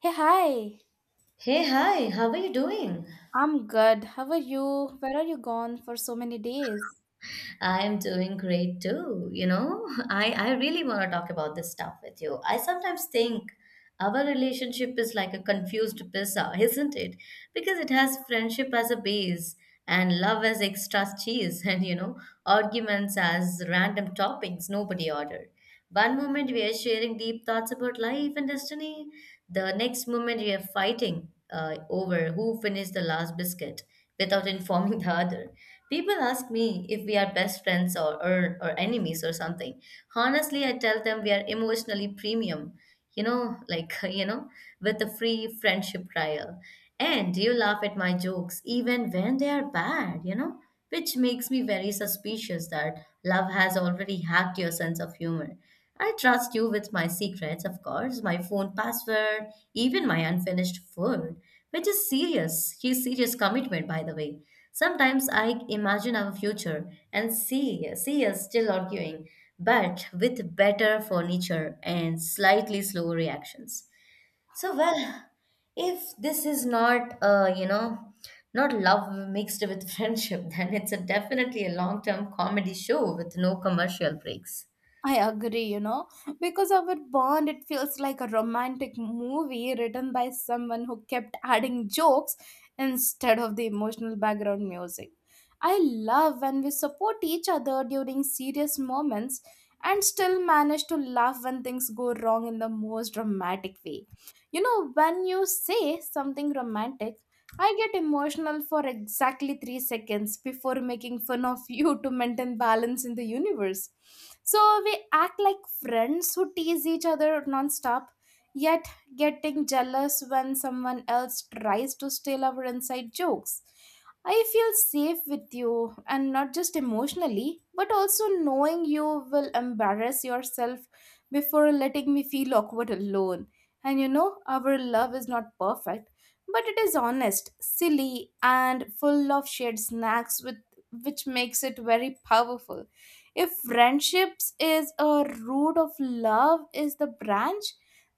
Hey, hi. Hey, hi, how are you doing? I'm good. How are you? Where are you gone for so many days? I am doing great too. You know, I really want to talk about this stuff with you. I sometimes think our relationship is like a confused pizza, isn't it? Because it has friendship as a base and love as extra cheese and, you know, arguments as random toppings nobody ordered. One moment we are sharing deep thoughts about life and destiny, the next moment we are fighting over who finished the last biscuit without informing the other. People ask me if we are best friends or enemies or something. Honestly, I tell them we are emotionally premium, you know, like, you know, with a free friendship trial. And you laugh at my jokes even when they are bad, you know, which makes me very suspicious that love has already hacked your sense of humor. I trust you with my secrets, of course, my phone password, even my unfinished food, which is serious. His serious commitment, by the way. Sometimes I imagine our future and see us still arguing, but with better furniture and slightly slower reactions. So, well, if this is not not love mixed with friendship, then it's a definitely a long-term comedy show with no commercial breaks. I agree, you know, because our bond, it feels like a romantic movie written by someone who kept adding jokes instead of the emotional background music. I love when we support each other during serious moments and still manage to laugh when things go wrong in the most dramatic way. You know, when you say something romantic, I get emotional for exactly 3 seconds before making fun of you to maintain balance in the universe. So we act like friends who tease each other nonstop, yet getting jealous when someone else tries to steal our inside jokes. I feel safe with you, and not just emotionally, but also knowing you will embarrass yourself before letting me feel awkward alone. And you know, our love is not perfect, but it is honest, silly, and full of shared snacks, which makes it very powerful. If friendships is a root of love, is the branch,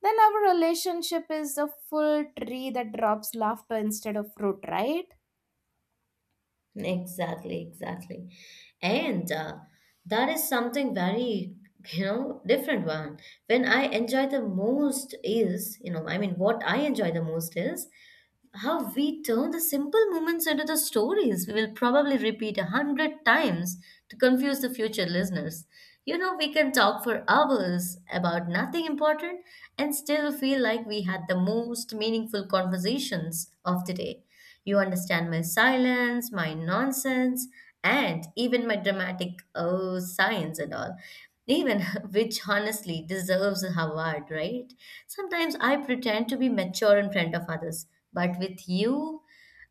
then our relationship is a full tree that drops laughter instead of fruit, right? Exactly, exactly. And that is something very, you know, different one. When I enjoy the most is, you know, I mean, what I enjoy the most is how we turn the simple moments into the stories we will probably repeat a hundred times to confuse the future listeners. You know, we can talk for hours about nothing important and still feel like we had the most meaningful conversations of the day. You understand my silence, my nonsense, and even my dramatic oh signs and all. Even which honestly deserves a award, right? Sometimes I pretend to be mature in front of others, but with you,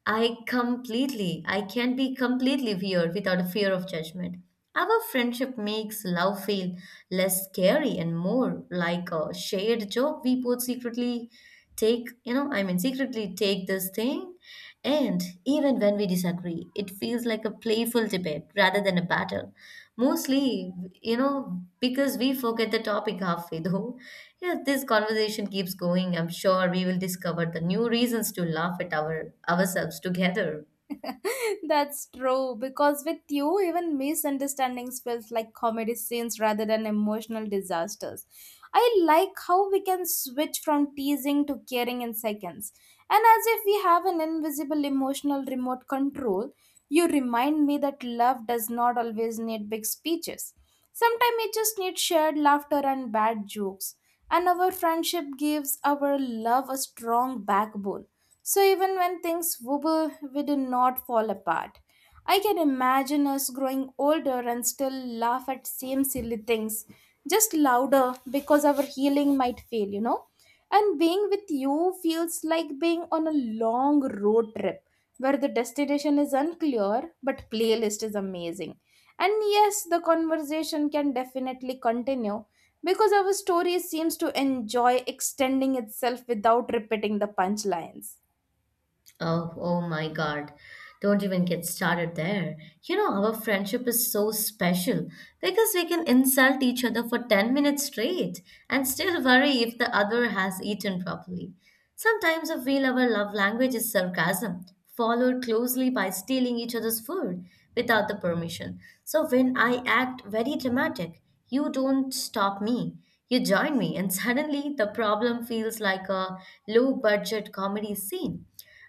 I can be completely weird without a fear of judgment. Our friendship makes love feel less scary and more like a shared joke. We both secretly take, you know, I mean, secretly take this thing. And even when we disagree, it feels like a playful debate rather than a battle. Mostly, you know, because we forget the topic halfway though. If this conversation keeps going, I'm sure we will discover the new reasons to laugh at ourselves together. That's true, because with you, even misunderstandings feels like comedy scenes rather than emotional disasters. I like how we can switch from teasing to caring in seconds, and as if we have an invisible emotional remote control. You remind me that love does not always need big speeches. Sometimes it just needs shared laughter and bad jokes. And our friendship gives our love a strong backbone. So even when things wobble, we do not fall apart. I can imagine us growing older and still laugh at same silly things, just louder because our healing might fail, you know? And being with you feels like being on a long road trip where the destination is unclear, but playlist is amazing. And yes, the conversation can definitely continue because our story seems to enjoy extending itself without repeating the punchlines. Oh, oh my God. Don't even get started there. You know, our friendship is so special because we can insult each other for 10 minutes straight and still worry if the other has eaten properly. Sometimes I feel our love language is sarcasm, followed closely by stealing each other's food without the permission. So when I act very dramatic, you don't stop me. You join me, and suddenly the problem feels like a low budget comedy scene.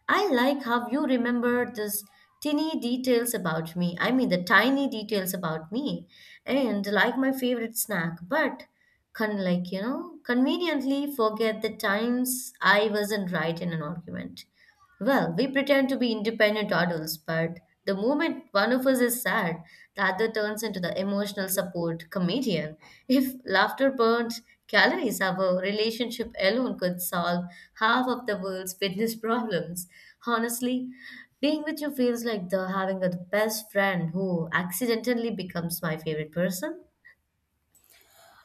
I like how you remember these tiny details about me. I mean, the tiny details about me, and like my favorite snack. But can, conveniently forget the times I wasn't right in an argument. Well, we pretend to be independent adults, but the moment one of us is sad, the other turns into the emotional support comedian. If laughter burnt calories, our relationship alone could solve half of the world's fitness problems. Honestly, being with you feels like the having the best friend who accidentally becomes my favorite person.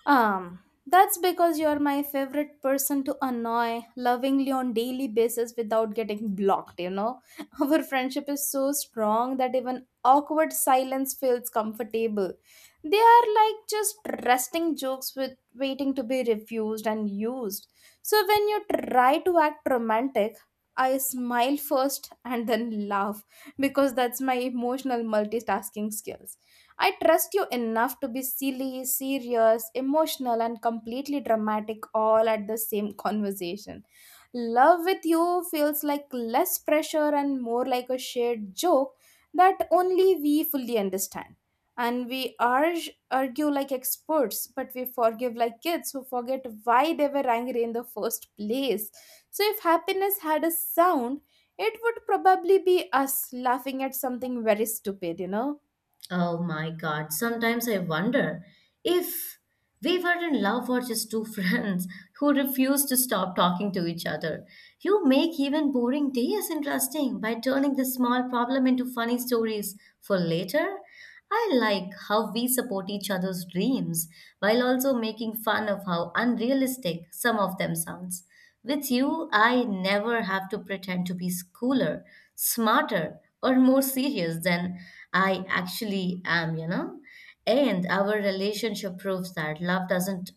Um, that's because you're my favorite person to annoy lovingly on daily basis without getting blocked, you know. Our friendship is so strong that even awkward silence feels comfortable. They are like just resting jokes with waiting to be refused and used. So when you try to act romantic, I smile first and then laugh because that's my emotional multitasking skills. I trust you enough to be silly, serious, emotional, and completely dramatic all at the same conversation. Love with you feels like less pressure and more like a shared joke that only we fully understand. And we argue like experts, but we forgive like kids who forget why they were angry in the first place. So, if happiness had a sound, it would probably be us laughing at something very stupid, you know? Oh my God, sometimes I wonder if we were in love or just two friends who refuse to stop talking to each other. You make even boring days interesting by turning the small problem into funny stories for later. I like how we support each other's dreams while also making fun of how unrealistic some of them sounds. With you, I never have to pretend to be cooler, smarter, or more serious than I actually am, you know? And our relationship proves that love doesn't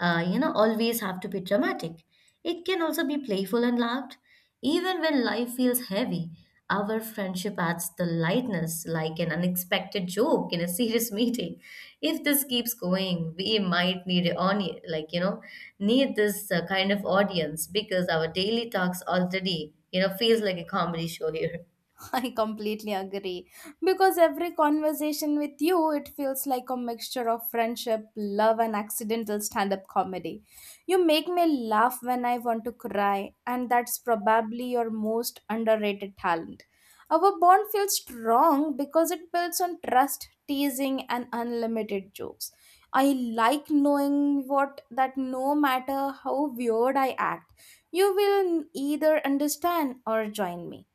always have to be dramatic. It can also be playful and loud. Even when life feels heavy, our friendship adds the lightness, like an unexpected joke in a serious meeting. If this keeps going, we might need a need this kind of audience because our daily talks already, you know, feels like a comedy show here. I completely agree because every conversation with you it feels like a mixture of friendship, love and accidental stand-up comedy. You make me laugh when I want to cry, and that's probably your most underrated talent. Our bond feels strong because it builds on trust, teasing and unlimited jokes. I like knowing what that no matter how weird I act, you will either understand or join me.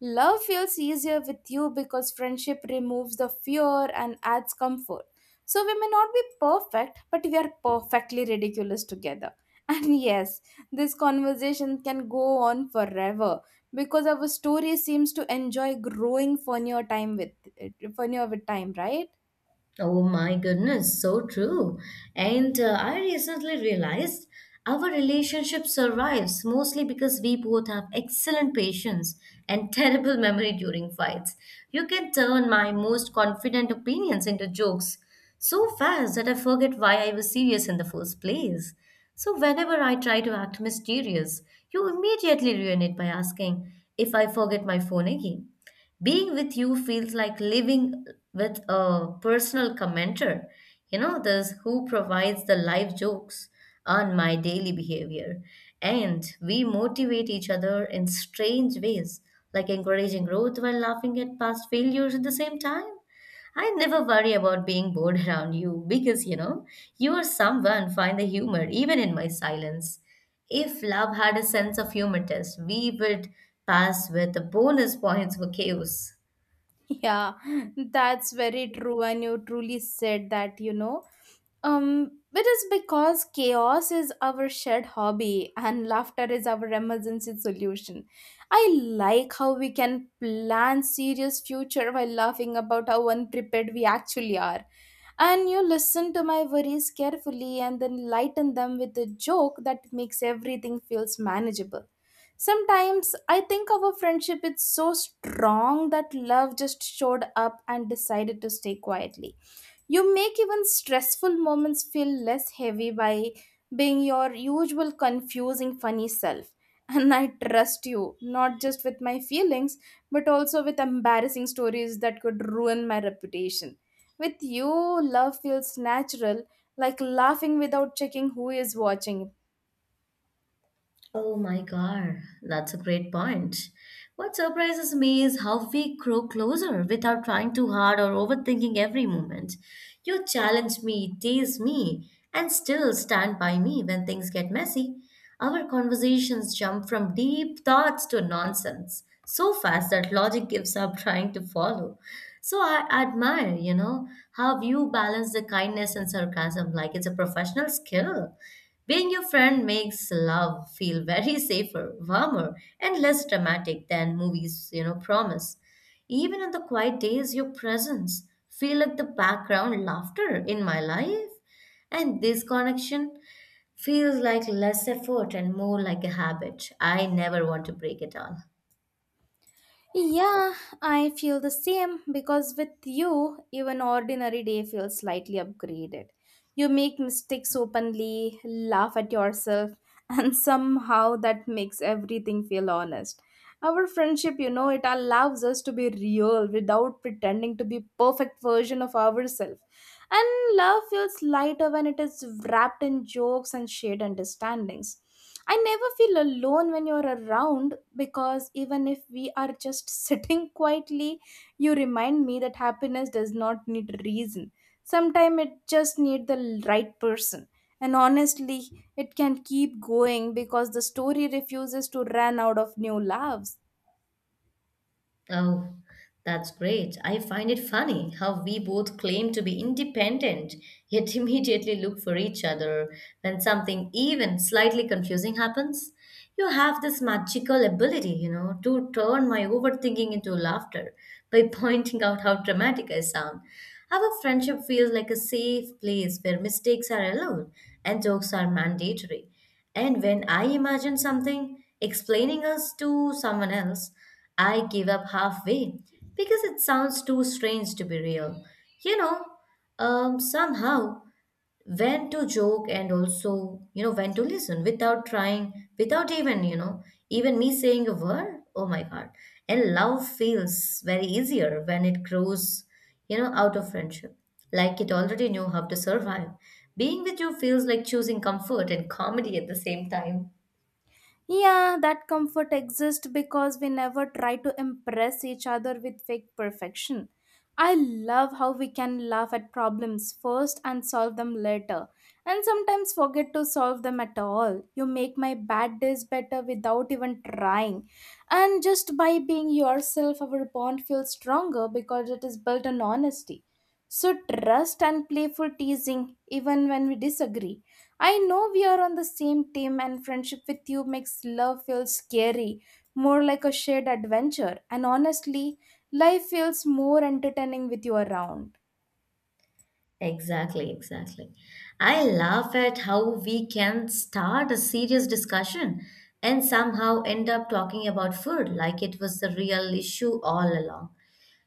Love feels easier with you because friendship removes the fear and adds comfort. So we may not be perfect, but we are perfectly ridiculous together. And yes, this conversation can go on forever because our story seems to enjoy growing funnier time with funnier with time, right? Oh my goodness, so true. And I recently realized our relationship survives mostly because we both have excellent patience and terrible memory during fights. You can turn my most confident opinions into jokes so fast that I forget why I was serious in the first place. So, whenever I try to act mysterious, you immediately ruin it by asking if I forget my phone again. Being with you feels like living with a personal commenter, you know, this who provides the live jokes on my daily behavior. And we motivate each other in strange ways, like encouraging growth while laughing at past failures at the same time. I never worry about being bored around you because, you know, you are someone find the humor even in my silence. If love had a sense of humor test, we would pass with bonus points for chaos. Yeah, that's very true, and you truly said that, you know. It is because chaos is our shared hobby and laughter is our emergency solution. I like how we can plan serious future while laughing about how unprepared we actually are. And you listen to my worries carefully and then lighten them with a joke that makes everything feels manageable. Sometimes I think our friendship is so strong that love just showed up and decided to stay quietly. You make even stressful moments feel less heavy by being your usual confusing funny self. And I trust you, not just with my feelings, but also with embarrassing stories that could ruin my reputation. With you, love feels natural, like laughing without checking who is watching. Oh my God, that's a great point. What surprises me is how we grow closer without trying too hard or overthinking every moment. You challenge me, tease me, and still stand by me when things get messy. Our conversations jump from deep thoughts to nonsense so fast that logic gives up trying to follow. So I admire, you know, how you balance the kindness and sarcasm like it's a professional skill. Being your friend makes love feel very safer, warmer, and less dramatic than movies, you know, promise. Even on the quiet days, your presence feel like the background laughter in my life. And this connection feels like less effort and more like a habit. I never want to break it all. Yeah, I feel the same because with you, even ordinary day feels slightly upgraded. You make mistakes openly, laugh at yourself, and somehow that makes everything feel honest. Our friendship, you know, it allows us to be real without pretending to be perfect version of ourselves. And love feels lighter when it is wrapped in jokes and shared understandings. I never feel alone when you're around because even if we are just sitting quietly, you remind me that happiness does not need reason. Sometimes it just needs the right person. And honestly, it can keep going because the story refuses to run out of new laughs. Oh, that's great. I find it funny how we both claim to be independent, yet immediately look for each other when something even slightly confusing happens. You have this magical ability, you know, to turn my overthinking into laughter by pointing out how dramatic I sound. Our friendship feels like a safe place where mistakes are allowed and jokes are mandatory. And when I imagine something, explaining us to someone else, I give up halfway because it sounds too strange to be real. You know, somehow when to joke, and also, you know, when to listen without trying, without even, you know, even me saying a word. Oh my God, and love feels very easier when it grows, you know, out of friendship, like it already knew how to survive. Being with you feels like choosing comfort and comedy at the same time. Yeah, that comfort exists because we never try to impress each other with fake perfection. I love how we can laugh at problems first and solve them later, and sometimes forget to solve them at all. You make my bad days better without even trying. And just by being yourself, our bond feels stronger because it is built on honesty, So, trust and playful teasing. Even when we disagree, I know we are on the same team, and friendship with you makes love feel scary, more like a shared adventure. And honestly, life feels more entertaining with you around. Exactly, exactly. I laugh at how we can start a serious discussion and somehow end up talking about food like it was the real issue all along.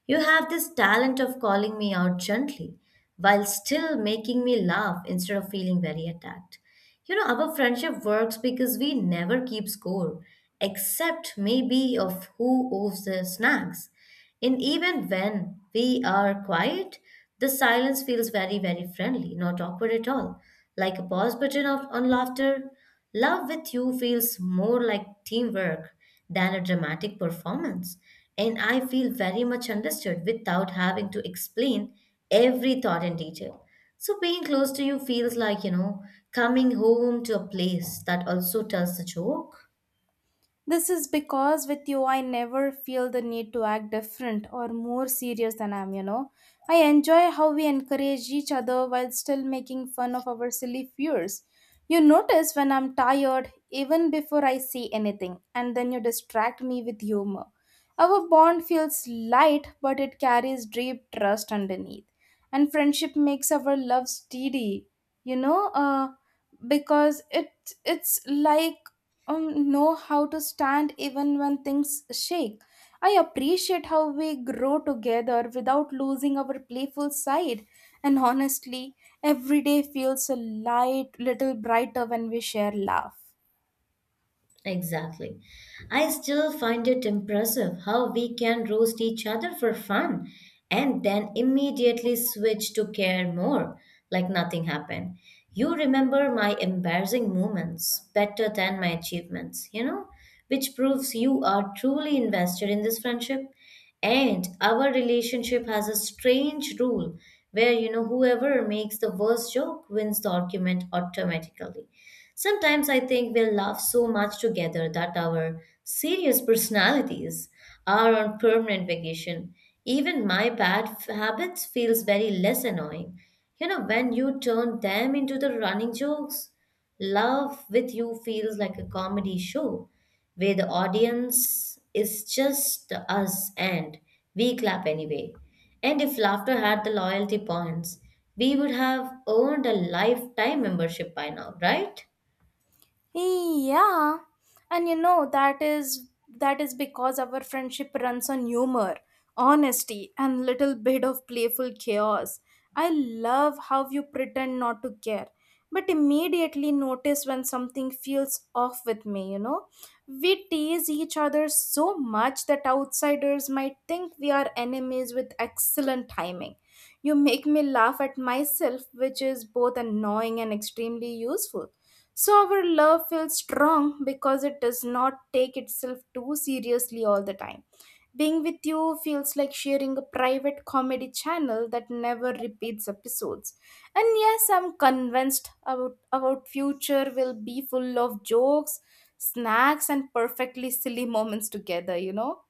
You have this talent of calling me out gently while still making me laugh instead of feeling very attacked. You know, our friendship works because we never keep score, except maybe of who owes the snacks. And even when we are quiet, the silence feels very, very friendly, not awkward at all, like a pause button on laughter. Love with you feels more like teamwork than a dramatic performance. And I feel very much understood without having to explain every thought in detail. So being close to you feels like, you know, coming home to a place that also tells a joke. This is because with you, I never feel the need to act different or more serious than I am, you know. I enjoy how we encourage each other while still making fun of our silly fears. You notice when I'm tired even before I say anything, and then you distract me with humor. Our bond feels light, but it carries deep trust underneath. And friendship makes our love steady, you know, because it's like, know how to stand even when things shake. I appreciate how we grow together without losing our playful side. And honestly, every day feels a light little brighter when we share laugh. Exactly. I still find it impressive how we can roast each other for fun and then immediately switch to care more, like nothing happened. You remember my embarrassing moments better than my achievements, you know, which proves you are truly invested in this friendship. And our relationship has a strange rule where, you know, whoever makes the worst joke wins the argument automatically. Sometimes I think we laugh so much together that our serious personalities are on permanent vacation. Even my habits feels very less annoying. You know, when you turn them into the running jokes. Love with You feels like a comedy show where the audience is just us and we clap anyway. And if laughter had the loyalty points, we would have earned a lifetime membership by now, right? Yeah, and you know that is because our friendship runs on humor, honesty, and little bit of playful chaos. I love how you pretend not to care, but immediately notice when something feels off with me, you know? We tease each other so much that outsiders might think we are enemies with excellent timing. You make me laugh at myself, which is both annoying and extremely useful. So our love feels strong because it does not take itself too seriously all the time. Being with you feels like sharing a private comedy channel that never repeats episodes. And yes, I'm convinced about future will be full of jokes, snacks and perfectly silly moments together, you know.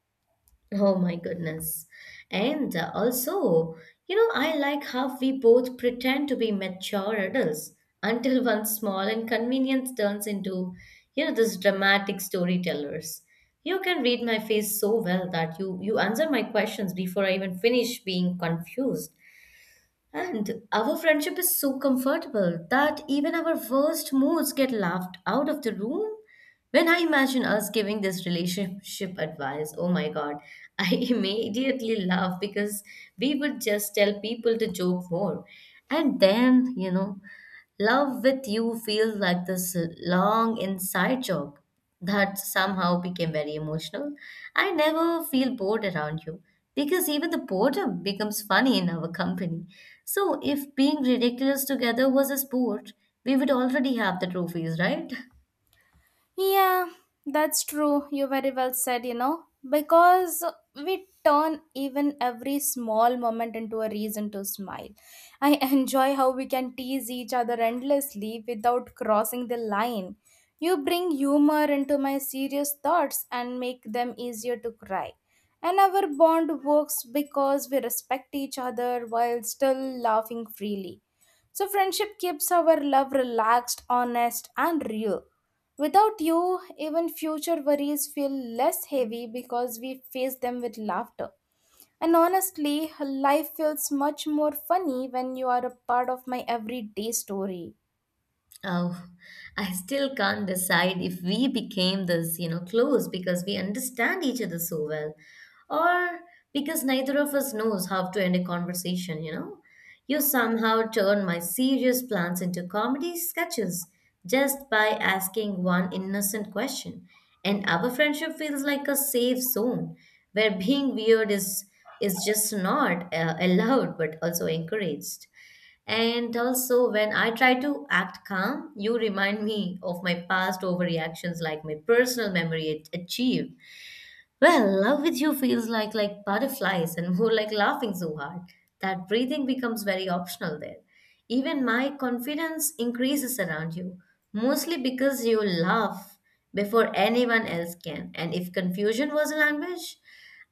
Oh my goodness. And also, you know, I like how we both pretend to be mature adults until one small inconvenience turns into, you know, this dramatic storytellers. You can read my face so well that you answer my questions before I even finish being confused. And our friendship is so comfortable that even our worst moods get laughed out of the room. When I imagine us giving this relationship advice, oh my God, I immediately laugh because we would just tell people to joke more. And then, love with you feels like this long inside joke that somehow became very emotional. I never feel bored around you because even the boredom becomes funny in our company. So if being ridiculous together was a sport, we would already have the trophies, right? Yeah, that's true. You very well said, you know, because we turn even every small moment into a reason to smile. I enjoy how we can tease each other endlessly without crossing the line. You bring humor into my serious thoughts and make them easier to cry. And our bond works because we respect each other while still laughing freely. So, friendship keeps our love relaxed, honest, and real. Without you, even future worries feel less heavy because we face them with laughter. And honestly, life feels much more funny when you are a part of my everyday story. Oh, I still can't decide if we became this, close because we understand each other so well, or because neither of us knows how to end a conversation, you know. You somehow turned my serious plans into comedy sketches just by asking one innocent question. And our friendship feels like a safe zone where being weird is just not allowed but also encouraged. And also, when I try to act calm, you remind me of my past overreactions, like my personal memory at achieve. Well, love with you feels like butterflies and more like laughing so hard that breathing becomes very optional there. Even my confidence increases around you, mostly because you laugh before anyone else can. And if confusion was a language,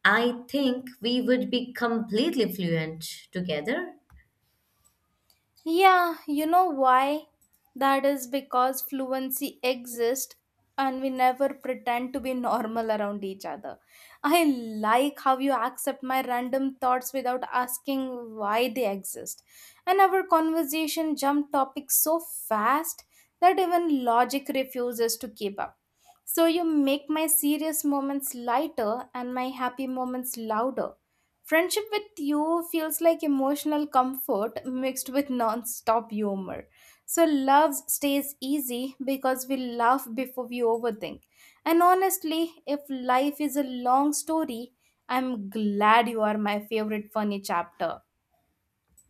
I think we would be completely fluent together. Yeah, you know why? That is because fluency exists and we never pretend to be normal around each other. I like how you accept my random thoughts without asking why they exist. And our conversation jump topics so fast that even logic refuses to keep up. So you make my serious moments lighter and my happy moments louder. Friendship with you feels like emotional comfort mixed with non-stop humor. So love stays easy because we laugh before we overthink. And honestly, if life is a long story, I'm glad you are my favorite funny chapter.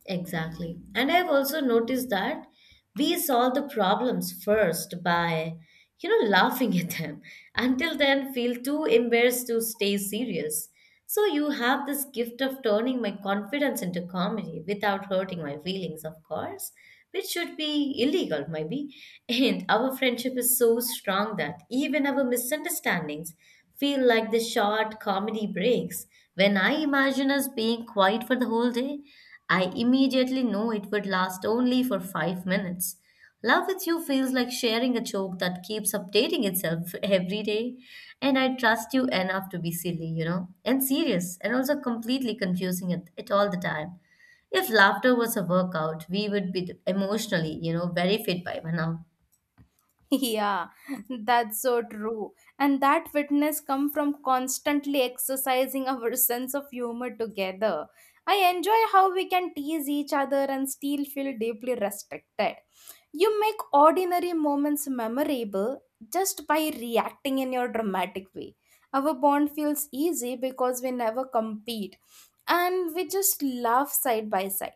Exactly. And I've also noticed that we solve the problems first by, laughing at them. Until then, feel too embarrassed to stay serious. So you have this gift of turning my confidence into comedy without hurting my feelings, of course, which should be illegal, maybe. And our friendship is so strong that even our misunderstandings feel like the short comedy breaks. When I imagine us being quiet for the whole day, I immediately know it would last only for 5 minutes. Love with you feels like sharing a joke that keeps updating itself every day, and I trust you enough to be silly, and serious, and also completely confusing it all the time. If laughter was a workout, we would be emotionally, very fit by now. Yeah, that's so true. And that fitness come from constantly exercising our sense of humor together. I enjoy how we can tease each other and still feel deeply respected. You make ordinary moments memorable just by reacting in your dramatic way. Our bond feels easy because we never compete and we just laugh side by side.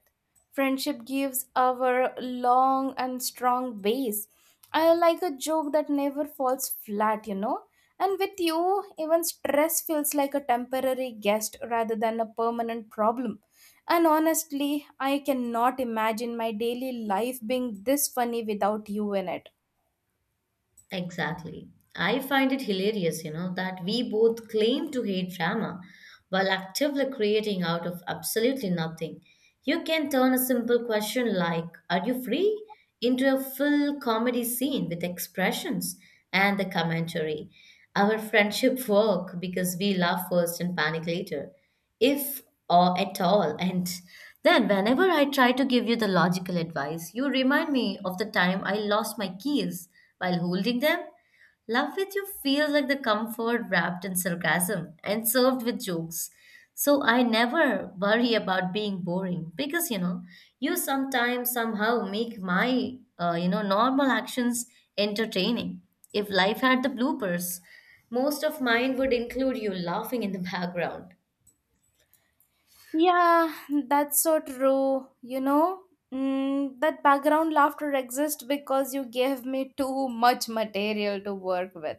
Friendship gives our long and strong base. I like a joke that never falls flat, you know. And with you, even stress feels like a temporary guest rather than a permanent problem, and honestly, I cannot imagine my daily life being this funny without you in it. Exactly. I find it hilarious, that we both claim to hate drama while actively creating out of absolutely nothing. You can turn a simple question like, "Are you free?" into a full comedy scene with expressions and the commentary. Our friendship work because we laugh first and panic later if or at all. And then, whenever I try to give you the logical advice, you remind me of the time I lost my keys while holding them. Love with you feels like the comfort wrapped in sarcasm and served with jokes. So I never worry about being boring because you sometimes somehow make my normal actions entertaining. If life had the bloopers, most of mine would include you laughing in the background. Yeah, that's so true. You know, that background laughter exists because you gave me too much material to work with.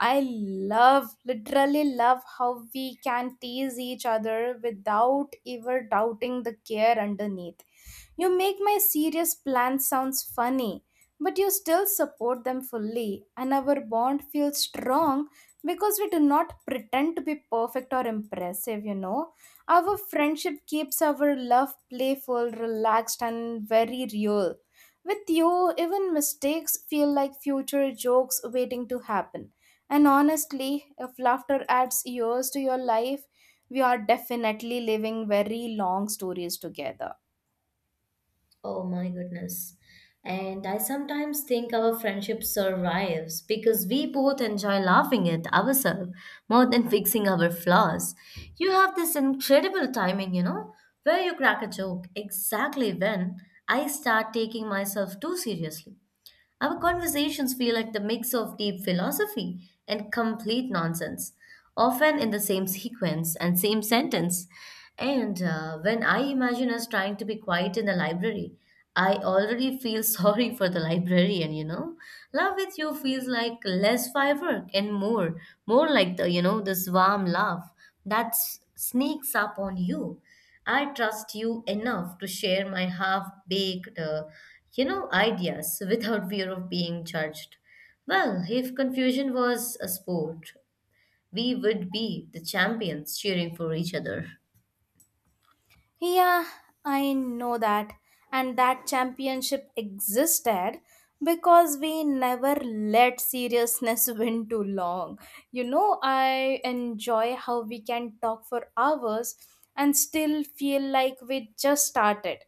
I love, literally love how we can tease each other without ever doubting the care underneath. You make my serious plans sounds funny, but you still support them fully, and our bond feels strong because we do not pretend to be perfect or impressive, you know. Our friendship keeps our love playful, relaxed, and very real. With you, even mistakes feel like future jokes waiting to happen. And honestly, if laughter adds years to your life, we are definitely living very long stories together. Oh my goodness. And I sometimes think our friendship survives because we both enjoy laughing at ourselves more than fixing our flaws. You have this incredible timing, where you crack a joke exactly when I start taking myself too seriously. Our conversations feel like the mix of deep philosophy and complete nonsense, often in the same sequence and same sentence. And when I imagine us trying to be quiet in the library, I already feel sorry for the librarian. Love with you feels like less firework and more like this warm love that sneaks up on you. I trust you enough to share my half-baked, ideas without fear of being judged. Well, if confusion was a sport, we would be the champions cheering for each other. Yeah, I know that. And that championship existed because we never let seriousness win too long. You know, I enjoy how we can talk for hours and still feel like we just started.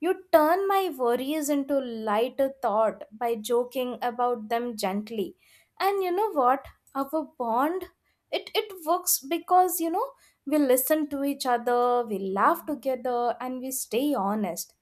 You turn my worries into lighter thought by joking about them gently. And you know what? Our bond, it works because, you know, we listen to each other, we laugh together, and we stay honest.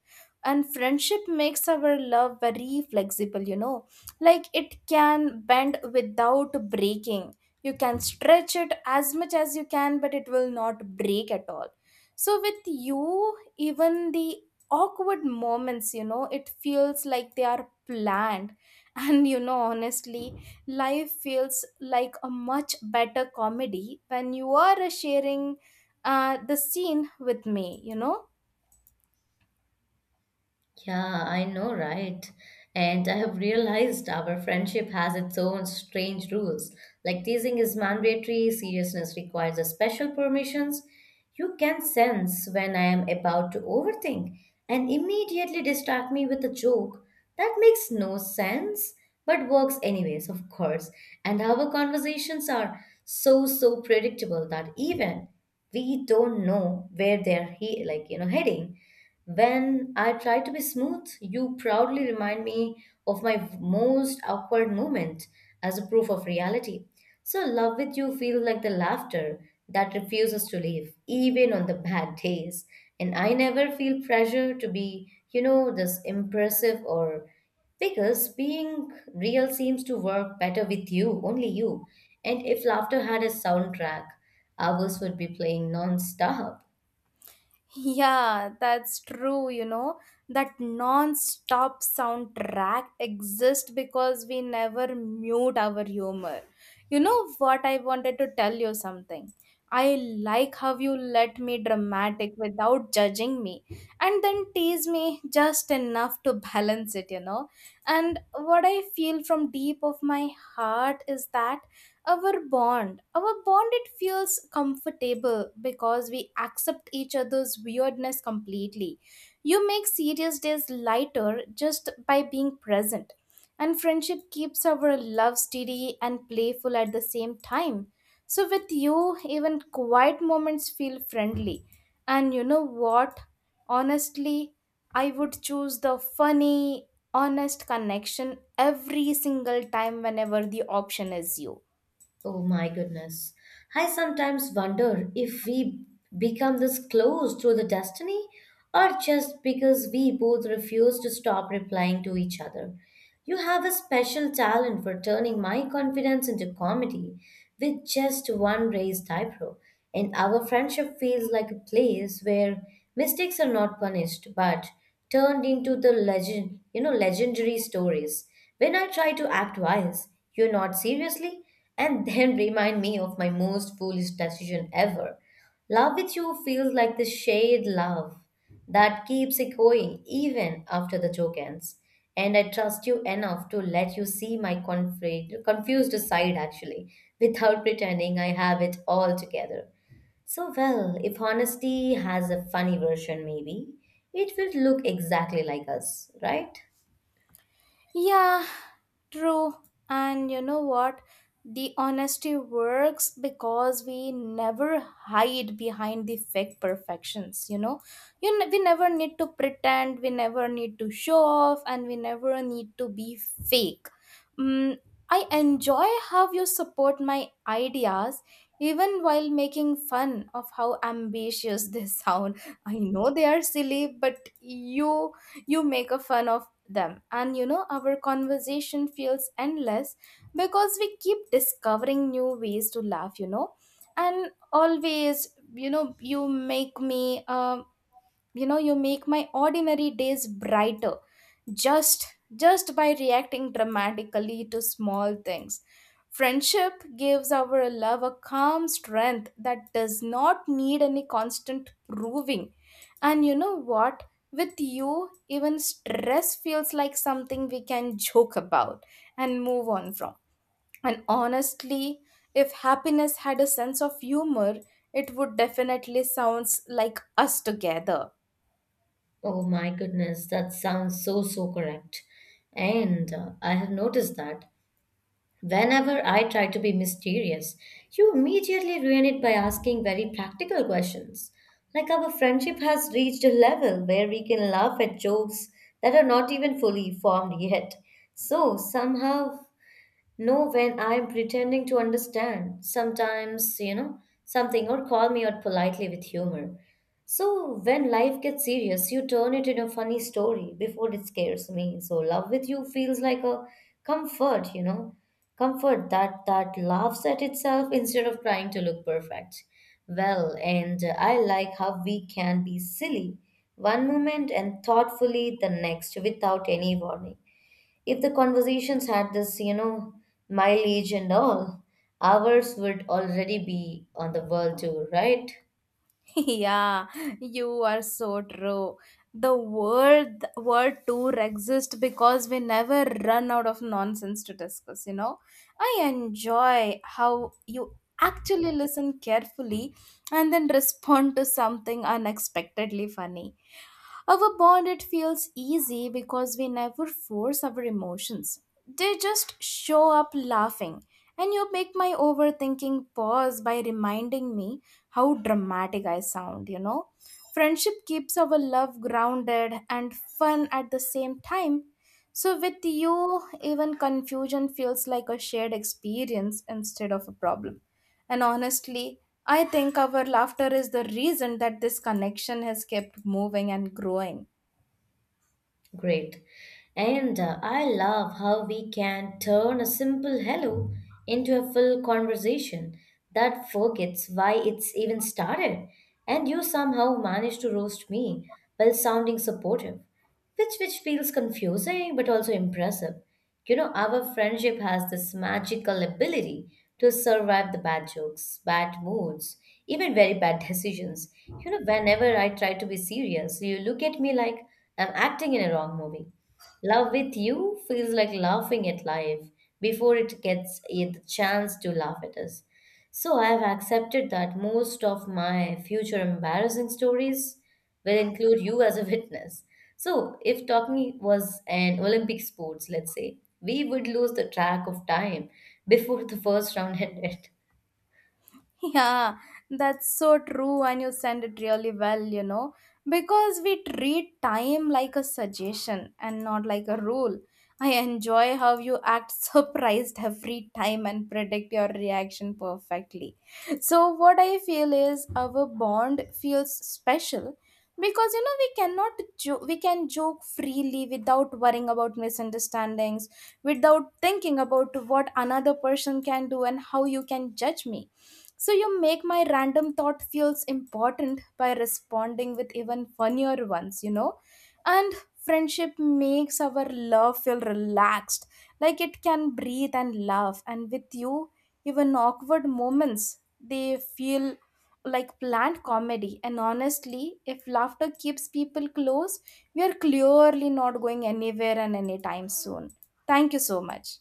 And friendship makes our love very flexible, you know. Like it can bend without breaking. You can stretch it as much as you can, but it will not break at all. So, with you, even the awkward moments, you know, it feels like they are planned. And, you know, honestly, life feels like a much better comedy when you are sharing the scene with me, you know? Yeah, I know, right? And I have realized our friendship has its own strange rules. Like teasing is mandatory, seriousness requires a special permissions. You can sense when I am about to overthink and immediately distract me with a joke. That makes no sense, but works anyways, of course. And our conversations are so, so predictable that even we don't know where they're like heading. When I try to be smooth, you proudly remind me of my most awkward moment as a proof of reality. So love with you feels like the laughter that refuses to leave even on the bad days, and I never feel pressure to be this impressive or because being real seems to work better with you, only you. And if laughter had a soundtrack, ours would be playing non-stop. Yeah, that's true, you know? That non stop soundtrack exists because we never mute our humor. You know what? I wanted to tell you something. I like how you let me dramatic without judging me and then tease me just enough to balance it, you know. And what I feel from deep of my heart is that our bond, it feels comfortable because we accept each other's weirdness completely. You make serious days lighter just by being present, and friendship keeps our love steady and playful at the same time. So with you, even quiet moments feel friendly. And you know what? Honestly, I would choose the funny, honest connection every single time whenever the option is you. Oh my goodness. I sometimes wonder if we become this close through the destiny or just because we both refuse to stop replying to each other. You have a special talent for turning my confidence into comedy with just one raised eyebrow. And our friendship feels like a place where mistakes are not punished but turned into the legendary stories. When I try to act wise, you're not seriously, and then remind me of my most foolish decision ever. Love with you feels like the shared love that keeps echoing even after the joke ends. And I trust you enough to let you see my confused side actually, without pretending I have it all together. So, well, if honesty has a funny version, maybe it will look exactly like us, right? Yeah, true. And you know what? The honesty works because we never hide behind the fake perfections, you know? We never need to pretend, we never need to show off, and we never need to be fake. Mm, I enjoy how you support my ideas even while making fun of how ambitious they sound. I know they are silly, but you make a fun of them. And you know, our conversation feels endless because we keep discovering new ways to laugh, you know. And always, you know, you make me, you know, you make my ordinary days brighter just just by reacting dramatically to small things. Friendship gives our love a calm strength that does not need any constant proving. And you know what? With you, even stress feels like something we can joke about and move on from. And honestly, if happiness had a sense of humor, it would definitely sounds like us together. Oh my goodness, that sounds so, so correct. And I have noticed that whenever I try to be mysterious, you immediately ruin it by asking very practical questions. Like our friendship has reached a level where we can laugh at jokes that are not even fully formed yet. So somehow no, when I'm pretending to understand, sometimes, something or call me out politely with humor. So when life gets serious, you turn it into a funny story before it scares me. So love with you feels like a comfort, you know, comfort that laughs at itself instead of trying to look perfect. Well, and I like how we can be silly one moment and thoughtfully the next without any warning. If the conversations had this, mileage and all, ours would already be on the world tour, right? Yeah, you are so true. The world tour exists because we never run out of nonsense to discuss, you know. I enjoy how you actually listen carefully and then respond to something unexpectedly funny. Our bond, it feels easy because we never force our emotions. They just show up laughing. And you make my overthinking pause by reminding me how dramatic I sound, you know? Friendship keeps our love grounded and fun at the same time. So, with you, even confusion feels like a shared experience instead of a problem. And honestly, I think our laughter is the reason that this connection has kept moving and growing. Great. And I love how we can turn a simple hello into a full conversation that forgets why it's even started. And you somehow managed to roast me while sounding supportive, which feels confusing but also impressive. You know, our friendship has this magical ability to survive the bad jokes, bad moods, even very bad decisions. You know, whenever I try to be serious, you look at me like I'm acting in a wrong movie. Love with you feels like laughing at life before it gets a chance to laugh at us. So I have accepted that most of my future embarrassing stories will include you as a witness. So if talking was an Olympic sports, let's say, we would lose the track of time before the first round ended. Yeah, that's so true, and you said it really well, you know, because we treat time like a suggestion and not like a rule. I enjoy how you act surprised every time and predict your reaction perfectly. So, what I feel is our bond feels special because you know we cannot we can joke freely without worrying about misunderstandings, without thinking about what another person can do and how you can judge me. So you make my random thought feels important by responding with even funnier ones, you know? And friendship makes our love feel relaxed, like it can breathe and laugh. And with you, even awkward moments, they feel like planned comedy. And honestly, if laughter keeps people close, we are clearly not going anywhere and anytime soon. Thank you so much.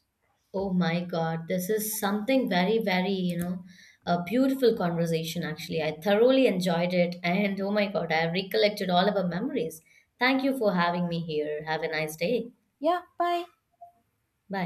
Oh my God, this is something very, very, a beautiful conversation actually. I thoroughly enjoyed it. And oh my God, I have recollected all of our memories. Thank you for having me here. Have a nice day. Yeah, bye. Bye.